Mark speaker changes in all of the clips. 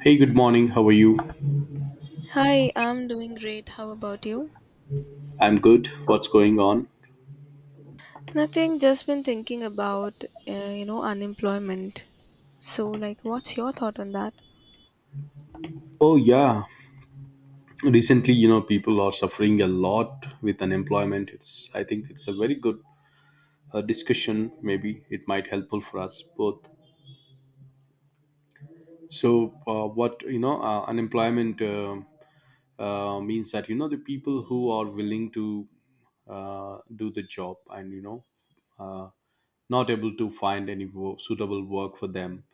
Speaker 1: Hey, good morning. How are you?
Speaker 2: Hi, I'm doing great. How about you?
Speaker 1: I'm good. What's going on?
Speaker 2: Nothing, just been thinking about, unemployment. So, like, what's your thought on that?
Speaker 1: Oh, yeah. Recently, you know, people are suffering a lot with unemployment. It's I think it's a very good discussion. Maybe it might helpful for us both. Unemployment means that you know the people who are willing to do the job, and you know uh, not able to find any suitable work for them.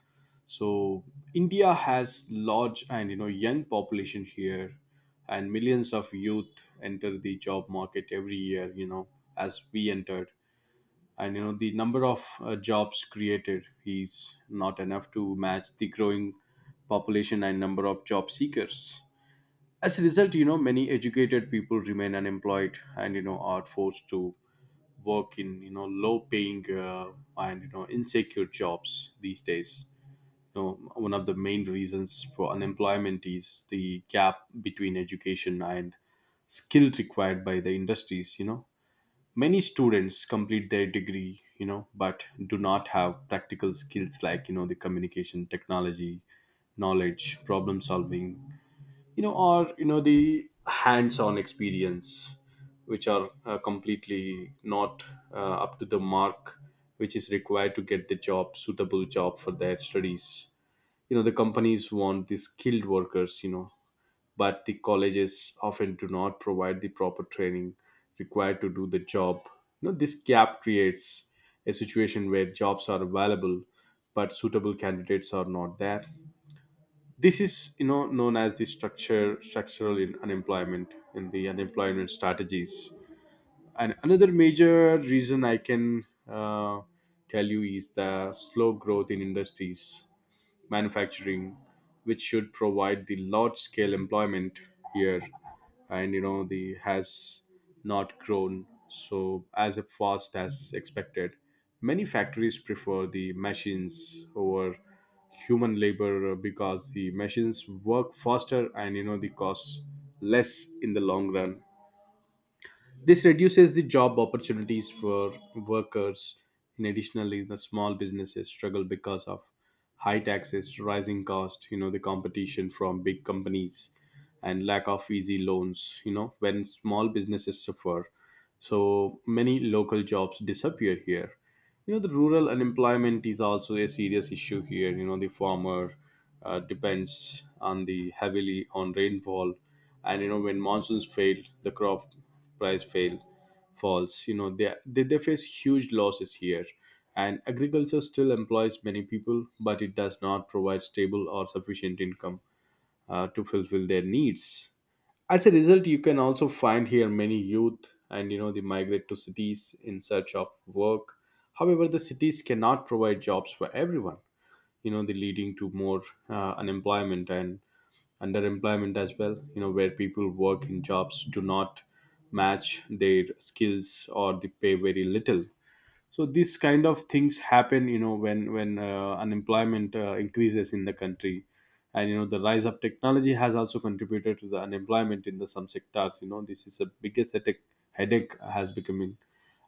Speaker 1: So India has large and you know young population here, and millions of youth enter the job market every year, you know, as we entered. And you know the number of jobs created is not enough to match the growing population and number of job seekers. As a result, you know, many educated people remain unemployed and you know are forced to work in, you know, low paying and you know insecure jobs these days. You know, one of the main reasons for unemployment is the gap between education and skills required by the industries. You know, many students complete their degree, you know, but do not have practical skills like, you know, the communication, technology knowledge, problem solving, you know, or you know the hands-on experience, which are completely not uh, up to the mark, which is required to get the job, suitable job for their studies. You know the companies want the skilled workers, you know, but the colleges often do not provide the proper training required to do the job. You know, this gap creates a situation where jobs are available but suitable candidates are not there. This is, you know, known as the structure structural in unemployment in the unemployment strategies. And another major reason I can tell you is the slow growth in industries, manufacturing, which should provide the large scale employment here, and you know the has not grown so as fast as expected. Many factories prefer the machines over human labor because the machines work faster and you know the cost less in the long run. This reduces the job opportunities for workers. In additionally, the small businesses struggle because of high taxes, rising cost, you know, the competition from big companies and lack of easy loans, you know, when small businesses suffer. So many local jobs disappear here. You know, the rural unemployment is also a serious issue here. You know, the farmer depends on the heavily on rainfall, and you know when monsoons fail, the crop price fail falls. You know, they face huge losses here. And agriculture still employs many people, but it does not provide stable or sufficient income to fulfill their needs. As a result, you can also find here many youth, and you know they migrate to cities in search of work. However, the cities cannot provide jobs for everyone. You know, they leading to more unemployment and underemployment as well. You know, where people work in jobs do not match their skills or they pay very little. So these kind of things happen, you know, when unemployment increases in the country. And you know the rise of technology has also contributed to the unemployment in the some sectors. You know, this is the biggest headache has becoming.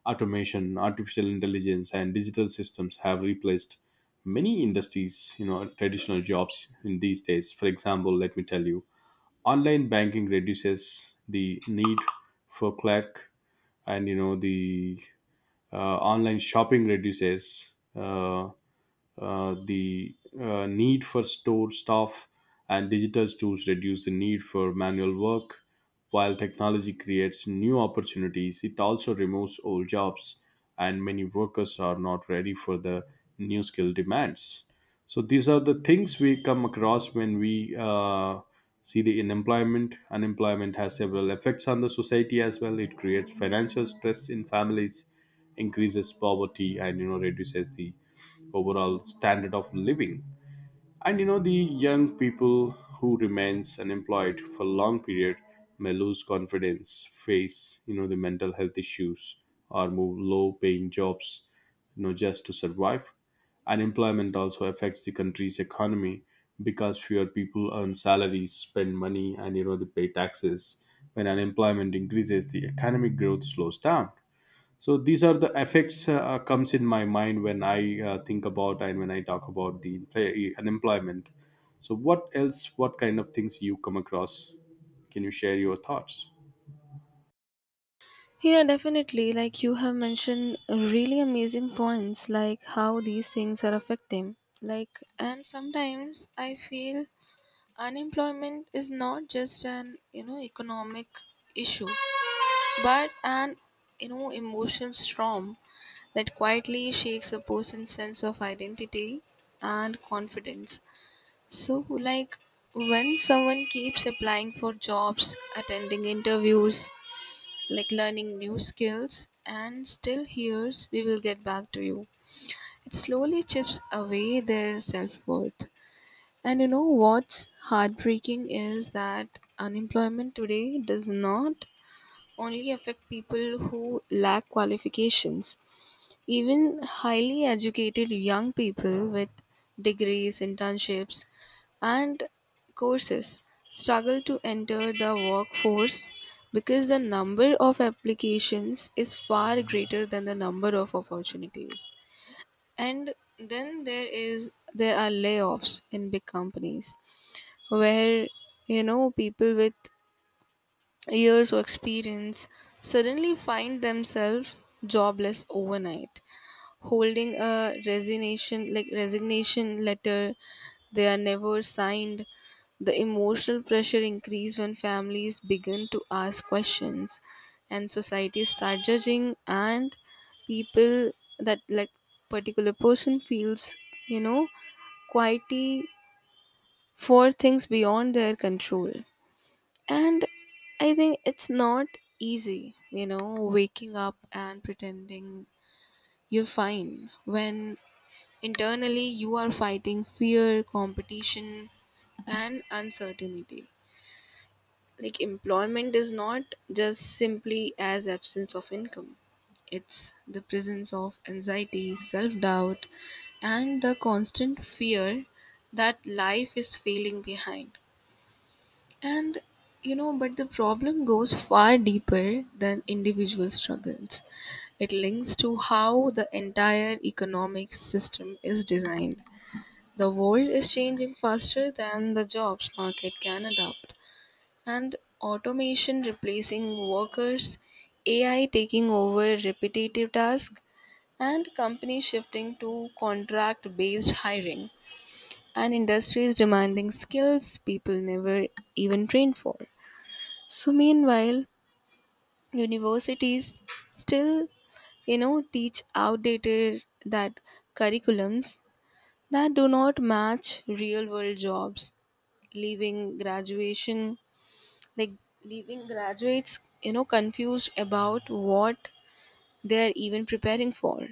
Speaker 1: Automation, artificial intelligence and digital systems have replaced many industries, you know, traditional jobs in these days. For example, let me tell you, online banking reduces the need for clerk, and you know the online shopping reduces, the need for store staff, and digital tools reduce the need for manual work. While technology creates new opportunities, it also removes old jobs, and many workers are not ready for the new skill demands. So these are the things we come across when we see the unemployment. Unemployment has several effects on the society as well. It creates financial stress in families, increases poverty, and you know reduces the overall standard of living. And you know the young people who remains unemployed for a long period may lose confidence, face you know the mental health issues, or move low paying jobs, you know, just to survive. Unemployment also affects the country's economy because fewer people earn salaries, spend money, and you know they pay taxes. When unemployment increases, the economic growth slows down. So these are the effects comes in my mind when I think about and when I talk about the unemployment. So what else, what kind of things you come across? Can you share your thoughts?
Speaker 2: Yeah, definitely. Like, you have mentioned really amazing points, like how these things are affecting. Like, and sometimes I feel unemployment is not just an, you know, economic issue, but an, you know, emotion storm that quietly shakes a person's sense of identity and confidence. So like, when someone keeps applying for jobs, attending interviews, like learning new skills, and still hears "we will get back to you," it slowly chips away their self-worth. And you know what's heartbreaking is that unemployment today does not only affect people who lack qualifications. Even highly educated young people with degrees, internships, and courses struggle to enter the workforce because the number of applications is far greater than the number of opportunities. And then there are layoffs in big companies where, you know, people with years of experience suddenly find themselves jobless overnight, holding a resignation letter they are never signed. The emotional pressure increase when families begin to ask questions and society start judging, and people, that like particular person, feels, you know, quietly, for things beyond their control. And I think it's not easy, you know, waking up and pretending you're fine when internally you are fighting fear, competition, and uncertainty. Like, employment is not just simply as absence of income, it's the presence of anxiety, self doubt, and the constant fear that life is failing behind. And but the problem goes far deeper than individual struggles. It links to how the entire economic system is designed. The world is changing faster than the jobs market can adapt, and automation replacing workers, AI taking over repetitive tasks, and companies shifting to contract based hiring, and industries demanding skills people never even trained for. So meanwhile, universities still, you know, teach outdated that curriculums that do not match real world jobs, leaving graduation like leaving graduates, you know, confused about what they are even preparing for.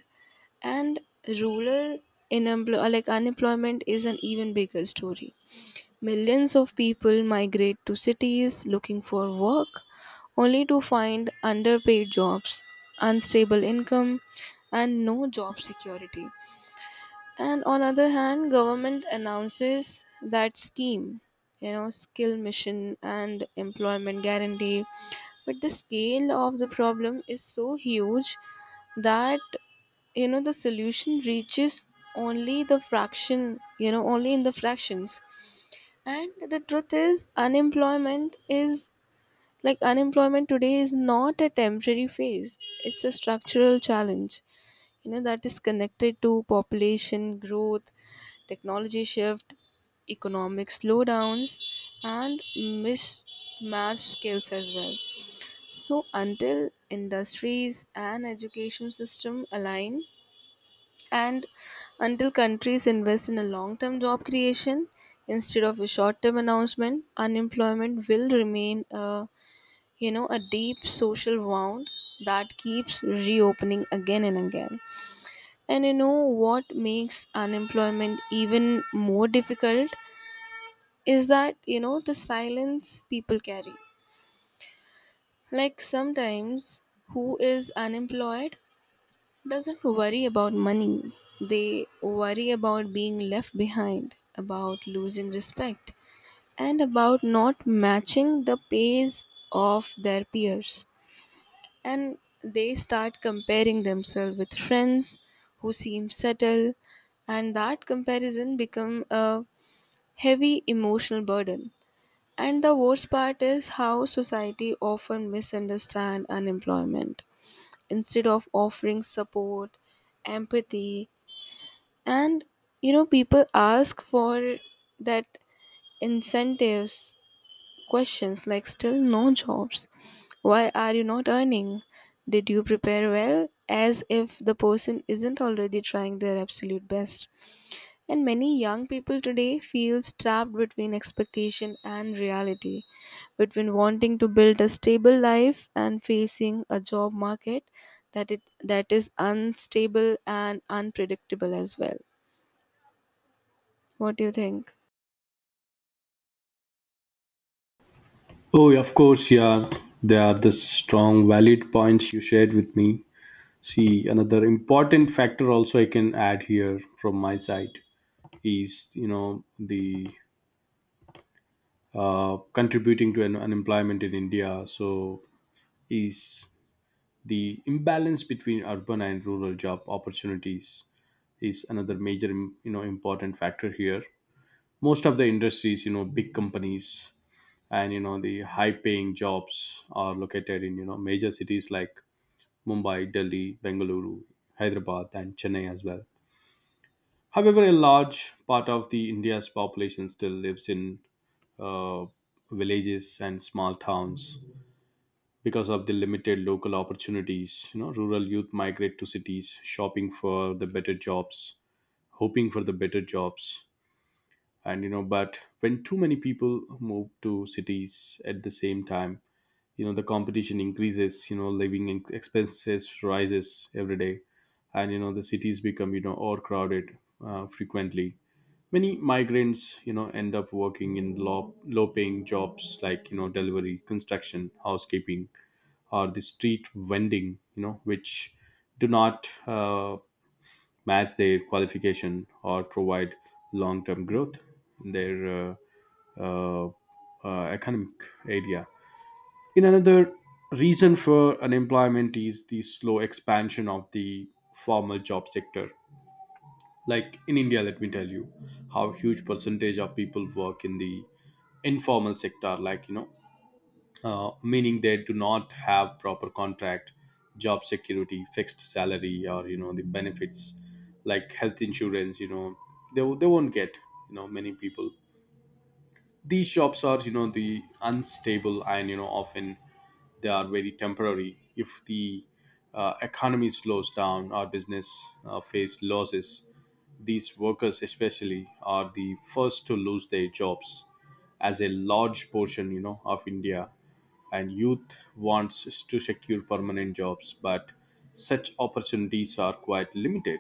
Speaker 2: And rural unemployment is an even bigger story. Millions of people migrate to cities looking for work, only to find underpaid jobs, unstable income, and no job security. And on other hand, government announces that scheme, you know, skill mission and employment guarantee. But the scale of the problem is so huge that, you know, the solution reaches only the fraction, you know, only in the fractions. And the truth is, unemployment today is not a temporary phase, it's a structural challenge, you know, that is connected to population growth, technology shift, economic slowdowns, and mismatched skills as well. So, until industries and education system align, and until countries invest in a long term job creation instead of a short term announcement, unemployment will remain a, you know, a deep social wound that keeps reopening again and again. And you know what makes unemployment even more difficult is that, you know, the silence people carry. Like sometimes who is unemployed doesn't worry about money. They worry about being left behind, about losing respect, and about not matching the pace of their peers. And they start comparing themselves with friends who seem settled, and that comparison become a heavy emotional burden. And the worst part is how society often misunderstand unemployment. Instead of offering support, empathy, and, you know, people ask for that incentives questions like "still no jobs," "why are you not earning," "did you prepare well," as if the person isn't already trying their absolute best. And many young people today feel trapped between expectation and reality, between wanting to build a stable life and facing a job market that it that is unstable and unpredictable as well. What do you think?
Speaker 1: Oh, yeah, of course, yeah. There are the strong, valid points you shared with me. See, another important factor also I can add here from my side is, you know, the contributing to an unemployment in India. So is the imbalance between urban and rural job opportunities is another you know important factor here. Most of the industries, you know, big companies and you know the high paying jobs are located in you know major cities like Mumbai, Delhi, Bengaluru, Hyderabad and Chennai as well. However, a large part of the India's population still lives in uh, villages and small towns. Because of the limited local opportunities, you know, rural youth migrate to cities, shopping for the better jobs, hoping for the better jobs. And you know, but when too many people move to cities at the same time, you know the competition increases, you know, expenses rises every day, and you know the cities become, you know, overcrowded frequently. Many migrants, you know, end up working in low paying jobs like, you know, delivery, construction, housekeeping, or the street vending, you know, which do not match their qualification or provide long-term growth in their uh, economic area. In another reason for unemployment is the slow expansion of the formal job sector. Like in India, let me tell you, how huge percentage of people work in the informal sector, like, you know, meaning they do not have proper contract, job security, fixed salary, or you know the benefits like health insurance. You know, they won't get, you know, many people, these jobs are, you know, the unstable and you know often they are very temporary. If the economy slows down or business face losses, these workers especially are the first to lose their jobs. As a large portion, you know, of India and youth wants to secure permanent jobs, but such opportunities are quite limited.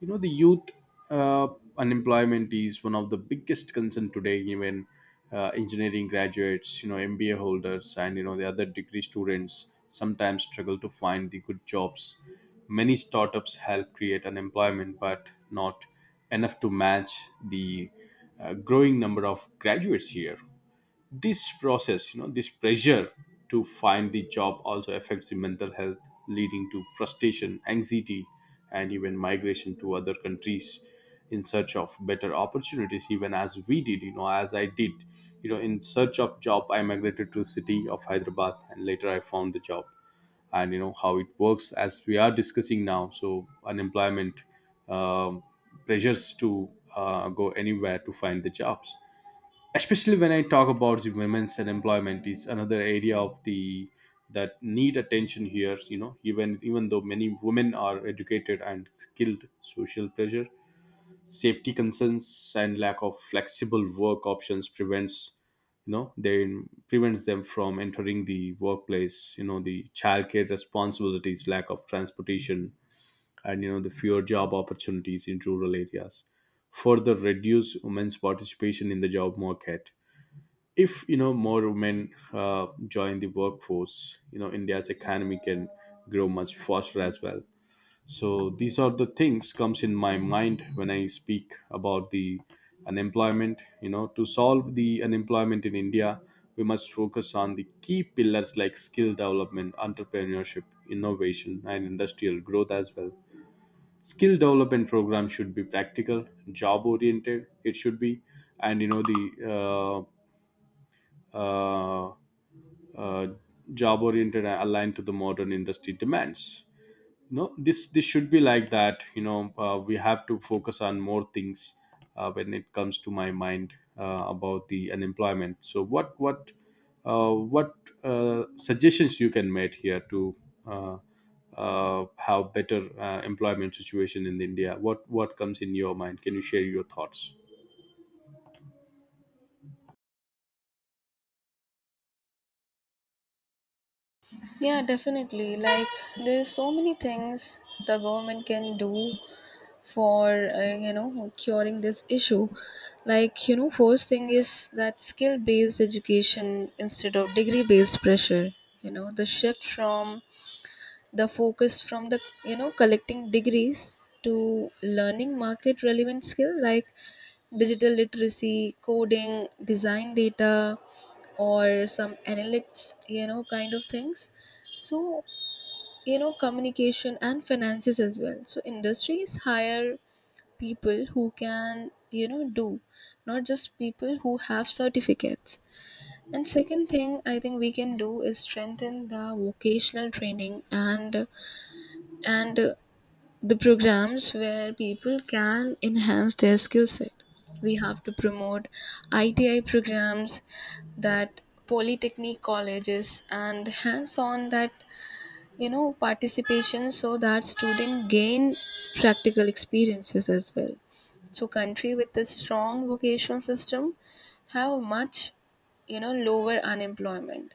Speaker 1: You know, the youth uh, unemployment is one of the biggest concern today. Even engineering graduates, you know, MBA holders, and you know the other degree students sometimes struggle to find the good jobs. Many startups help create unemployment, but not enough to match the growing number of graduates here. This process, you know, this pressure to find the job also affects the mental health, leading to frustration, anxiety, and even migration to other countries in search of better opportunities, even as we did, you know, as I did. You know, in search of job, I migrated to city of Hyderabad and later I found the job, and you know how it works as we are discussing now. So unemployment, um, pressures to go anywhere to find the jobs. Especially when I talk about the women's and employment is another area of the that need attention here. You know, even though many women are educated and skilled, social pressure, safety concerns, and lack of flexible work options prevents, you know they prevents them from entering the workplace. You know the childcare responsibilities, lack of transportation, and you know the fewer job opportunities in rural areas further reduce women's participation in the job market. If, you know, more women join the workforce, you know, India's economy can grow much faster as well. So these are the things comes in my mind when I speak about the unemployment. You know, to solve the unemployment in India, we must focus on the key pillars like skill development, entrepreneurship, innovation, and industrial growth as well. Skill development program should be practical, job oriented it should be, and you know the uh, uh, uh, job oriented and aligned to the modern industry demands. No, this should be like that. You know, we have to focus on more things when it comes to my mind about the unemployment. So what suggestions you can make here to uh, have better employment situation in India? What comes in your mind? Can you share your thoughts?
Speaker 2: Yeah, definitely. Like, there's so many things the government can do for you know, curing this issue. Like, you know, first thing is that skill-based education instead of degree-based pressure. You know, the shift from the focus from the, you know, collecting degrees to learning market-relevant skill like digital literacy, coding, design data, or some analytics, you know, kind of things. So, you know, communication and finances as well, so industries hire people who can, you know, do, not just people who have certificates. And second thing, I think we can do is strengthen the vocational training and and the programs where people can enhance their skill set. We have to promote ITI programs, that polytechnic colleges, and hands on that, you know, participation so that students gain practical experiences as well. So country with a strong vocational system have much, you know, lower unemployment.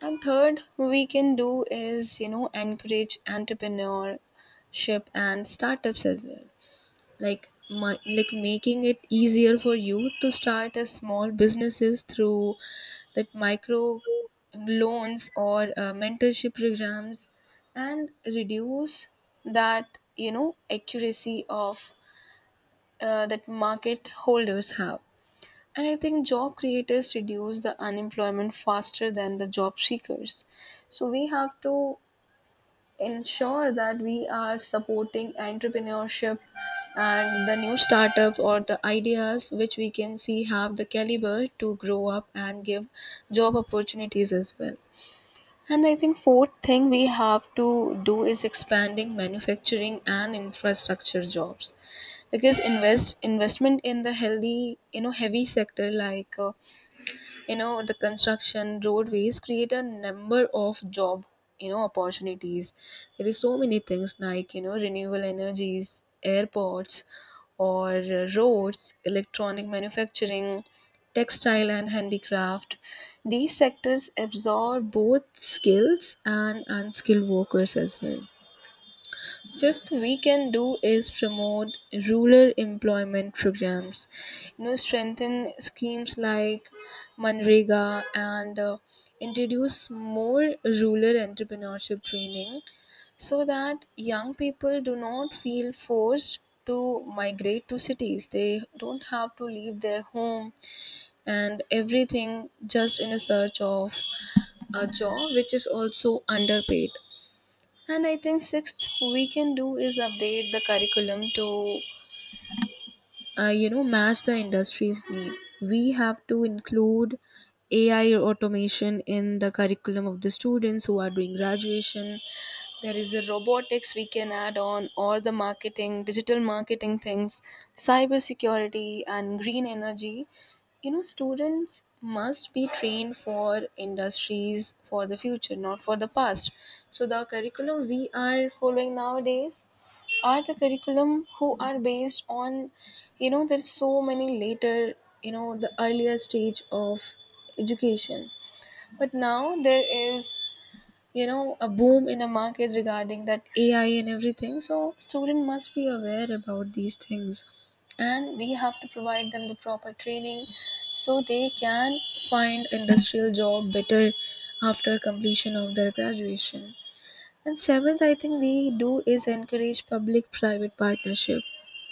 Speaker 2: And third, we can do is, you know, encourage entrepreneurship and startups as well. Like making it easier for you to start a small businesses through that micro loans or mentorship programs and reduce that, you know, accuracy of, that market holders have. And I think job creators reduce the unemployment faster than the job seekers, so we have to ensure that we are supporting entrepreneurship and the new startups or the ideas which we can see have the caliber to grow up and give job opportunities as well. And I think fourth thing we have to do is expanding manufacturing and infrastructure jobs, because investment in the healthy, you know, heavy sector like, you know, the construction roadways create a number of job, you know, opportunities. There is so many things like, you know, renewable energies, airports, or roads, electronic manufacturing, textile and handicraft. These sectors absorb both skills and unskilled workers as well. Fifth, we can do is promote rural employment programs. You know, strengthen schemes like Manrega, and introduce more rural entrepreneurship training so that young people do not feel forced to migrate to cities. They don't have to leave their home and everything just in a search of a job which is also underpaid. And I think sixth we can do is update the curriculum to you know, match the industry's need. We have to include AI automation in the curriculum of the students who are doing graduation. There is a robotics we can add on, or the marketing, digital marketing things, cyber security and green energy. You know, students must be trained for industries for the future, not for the past. So the curriculum we are following nowadays are the curriculum who are based on, you know, there's so many later, you know, the earlier stage of education. But now there is, you know, a boom in a market regarding that AI and everything, so student must be aware about these things, and we have to provide them the proper training so they can find industrial job better after completion of their graduation. And seventh, I think we do is encourage public private partnership.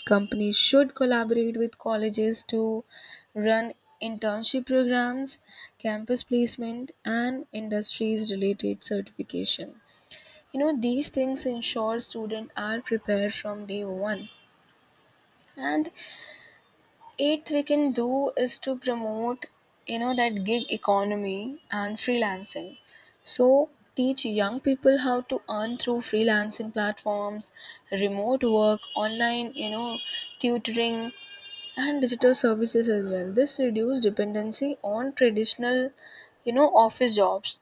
Speaker 2: Companies should collaborate with colleges to run internship programs, campus placement, and industries related certification. You know, these things ensure students are prepared from day one. And eighth, we can do is to promote, you know, that gig economy and freelancing. So teach young people how to earn through freelancing platforms, remote work, online, you know, tutoring, and digital services as well. This reduce dependency on traditional, you know, office jobs.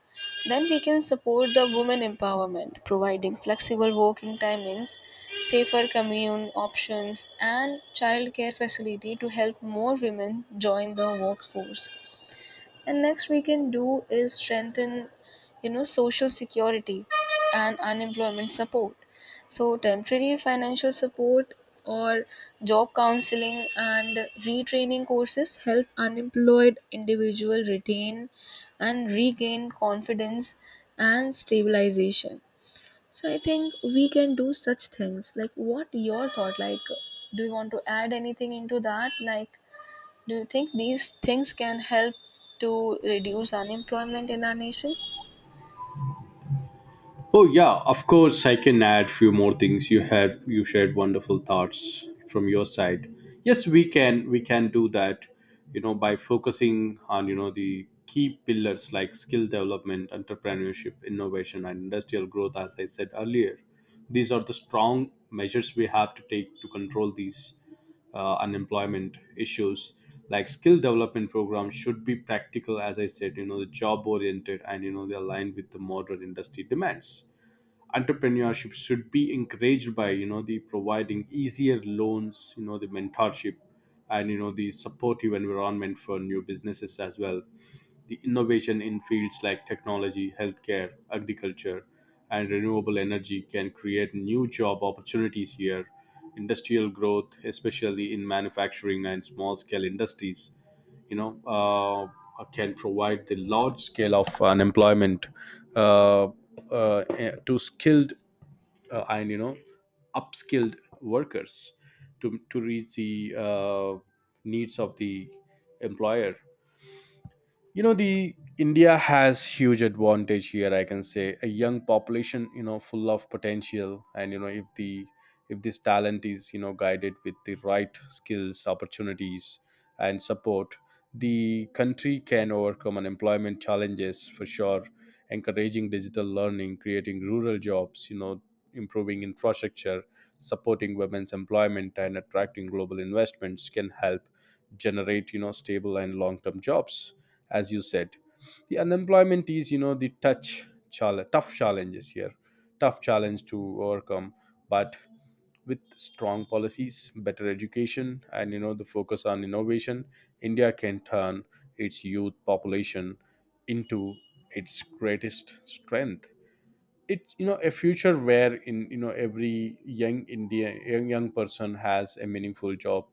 Speaker 2: Then we can support the women empowerment, providing flexible working timings, safer commute options, and childcare facility to help more women join the workforce. And next we can do is strengthen, you know, social security and unemployment support. So temporary financial support or job counseling and retraining courses help unemployed individual retain and regain confidence and stabilization. So I think we can do such things. Like, what your thought? Like do you want to add anything into that? Like do you think these things can help to reduce unemployment in our nation?
Speaker 1: Oh yeah, of course I can add few more things. You shared wonderful thoughts from your side. Yes, we can do that. You know, by focusing on you know the key pillars like skill development, entrepreneurship, innovation, and industrial growth. As I said earlier, these are the strong measures we have to take to control these unemployment issues. Like, skill development programs should be practical. As I said, the job oriented and they aligned with the modern industry demands. Entrepreneurship should be encouraged by the providing easier loans, the mentorship and the supportive environment for new businesses as well. The innovation in fields like technology, healthcare, agriculture, and renewable energy can create new job opportunities here. Industrial growth, especially in manufacturing and small scale industries, can provide the large scale of unemployment uh, to skilled and, upskilled workers to reach the needs of the employer. You know the India has huge advantage here. I can say a young population, full of potential, and if this talent is guided with the right skills, opportunities and support, the country can overcome unemployment challenges for sure. Encouraging digital learning, creating rural jobs, improving infrastructure, supporting women's employment and attracting global investments can help generate stable and long term jobs. As you said, the unemployment is, you know, tough challenges here, tough challenge to overcome. But with strong policies, better education and the focus on innovation, India can turn its youth population into its greatest strength. It's a future where in every young Indian, young person has a meaningful job,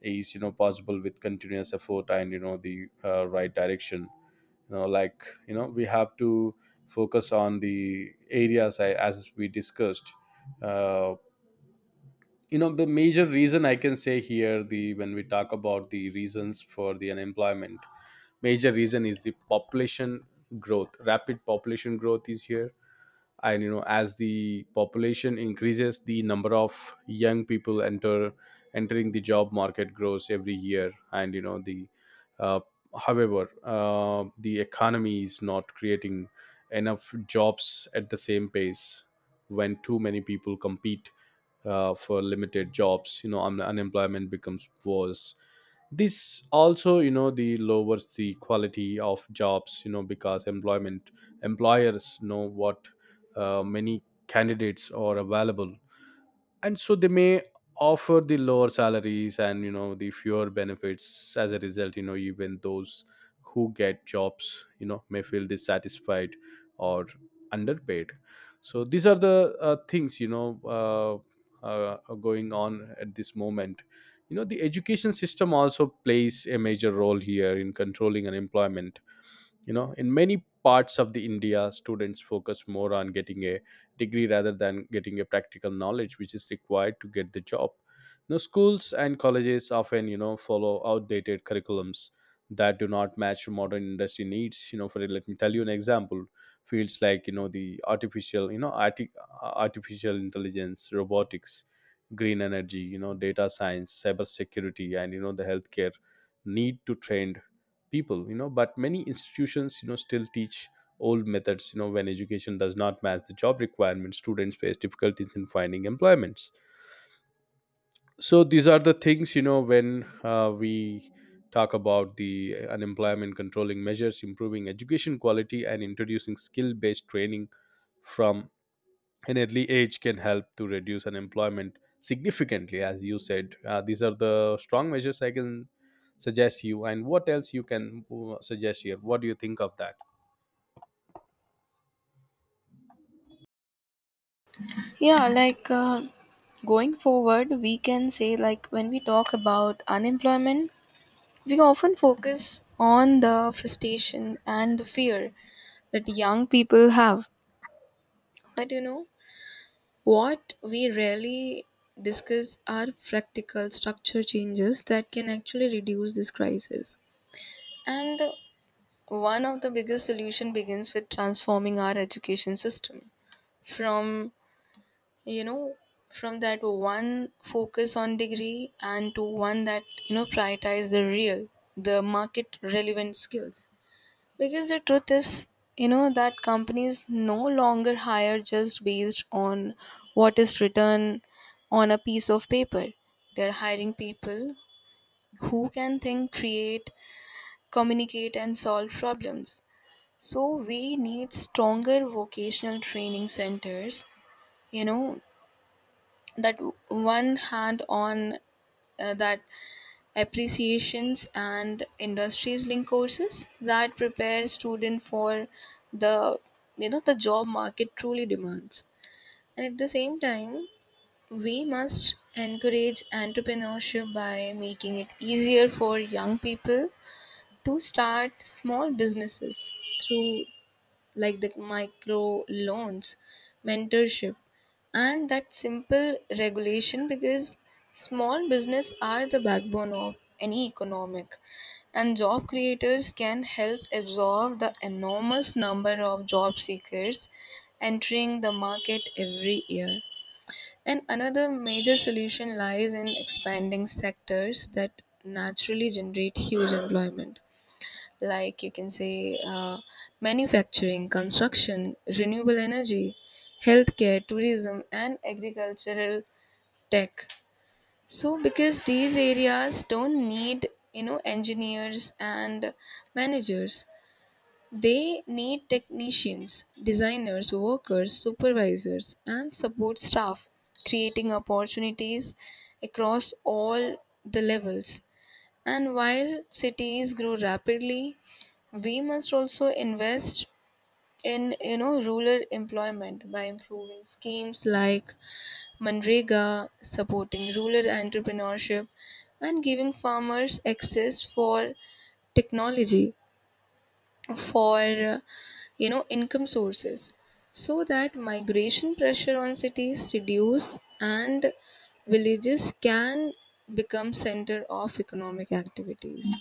Speaker 1: is possible with continuous effort and you know the right direction. We have to focus on the areas as we discussed. Uh, you know the Major reason, I can say here, the when we talk about the reasons for the unemployment, major reason is the population growth. Rapid population growth is here, and as the population increases, the number of young people entering the job market grows every year. And uh, the economy is not creating enough jobs at the same pace. When too many people compete for limited jobs, unemployment becomes worse. This also the lowers the quality of jobs, because employment employers know what many candidates are available, and so they may offer the lower salaries and the fewer benefits. As a result, even those who get jobs, may feel dissatisfied or underpaid. So these are the things, are going on at this moment. You know the Education system also plays a major role here in controlling unemployment. In many parts of the India, students focus more on getting a degree rather than getting a practical knowledge which is required to get the job. Now schools and colleges often follow outdated curriculums that do not match modern industry needs. For, let me tell you an example. Fields like, you know, artificial intelligence, robotics, green energy, data science, cyber security and the healthcare need to train people. But many institutions, still teach old methods. When education does not match the job requirements, students face difficulties in finding employments. So these are the things, when we talk about the unemployment controlling measures, improving education quality and introducing skill based training from an early age can help to reduce unemployment significantly. As you said, these are the strong measures I can suggest you. And what else you can suggest here? What do you think of that?
Speaker 2: Yeah, like, going forward, we can say, like when we talk about unemployment, we often focus on the frustration and the fear that young people have. But you know, what we rarely discuss are practical structure changes that can actually reduce this crisis. And one of the biggest solution begins with transforming our education system from, you know, from that one focus on degree and to one that, you know, prioritize the real, the market relevant skills. Because the truth is, you know, that companies no longer hire just based on what is written on a piece of paper. They're hiring people who can think, create, communicate, and solve problems. So we need stronger vocational training centers, you know, that one hand on, that appreciations and industries link courses that prepare student for the, you know, the job market truly demands. And at the same time, we must encourage entrepreneurship by making it easier for young people to start small businesses through like the micro loans, mentorship, and that simple regulation, because small business are the backbone of any economic, and job creators can help absorb the enormous number of job seekers entering the market every year. And another major solution lies in expanding sectors that naturally generate huge employment, like you can say, manufacturing, construction, renewable energy, healthcare, tourism, and agricultural tech. So, because these areas don't need, you know, engineers and managers, they need technicians, designers, workers, supervisors, and support staff, creating opportunities across all the levels. And while cities grow rapidly, we must also invest in, you know, rural employment by improving schemes like Manrega, supporting rural entrepreneurship, and giving farmers access for technology, for you know, income sources, so that migration pressure on cities reduce and villages can become center of economic activities.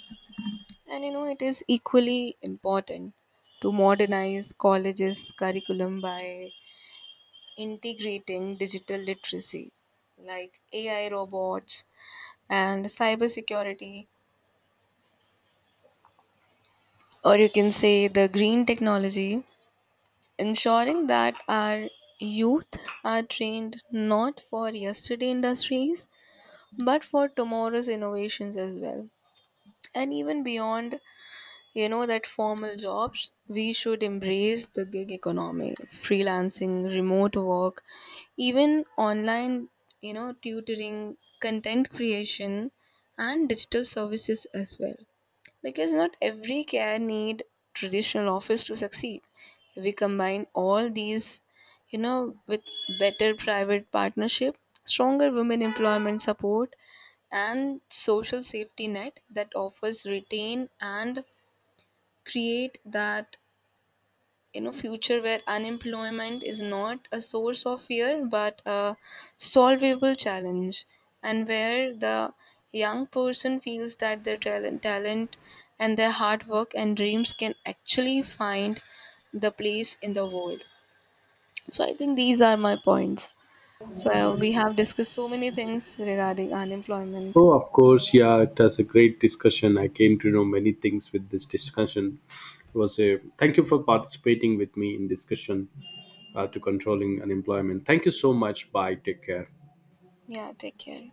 Speaker 2: And you know, it is equally important to modernize colleges' curriculum by integrating digital literacy like AI, robots, and cybersecurity, or you can say the green technology, ensuring that our youth are trained not for yesterday industries but for tomorrow's innovations as well. And even beyond, you know, that formal jobs, we should embrace the gig economy, freelancing, remote work, even online, you know, tutoring, content creation, and digital services as well, because not every care need traditional office to succeed. If we combine all these, you know, with better private partnership, stronger women employment support, and social safety net that offers retain and create that, you know, future where unemployment is not a source of fear but a solvable challenge, and where the young person feels that their talent and their hard work and dreams can actually find the place in the world. So I think these are my points. So we have discussed so many things regarding unemployment.
Speaker 1: Oh, of course, yeah, it was a great discussion. I came to know many things with this discussion. It was a thank you for participating with me in discussion to controlling unemployment. Thank you so much. Bye. Take care.
Speaker 2: Yeah, take care.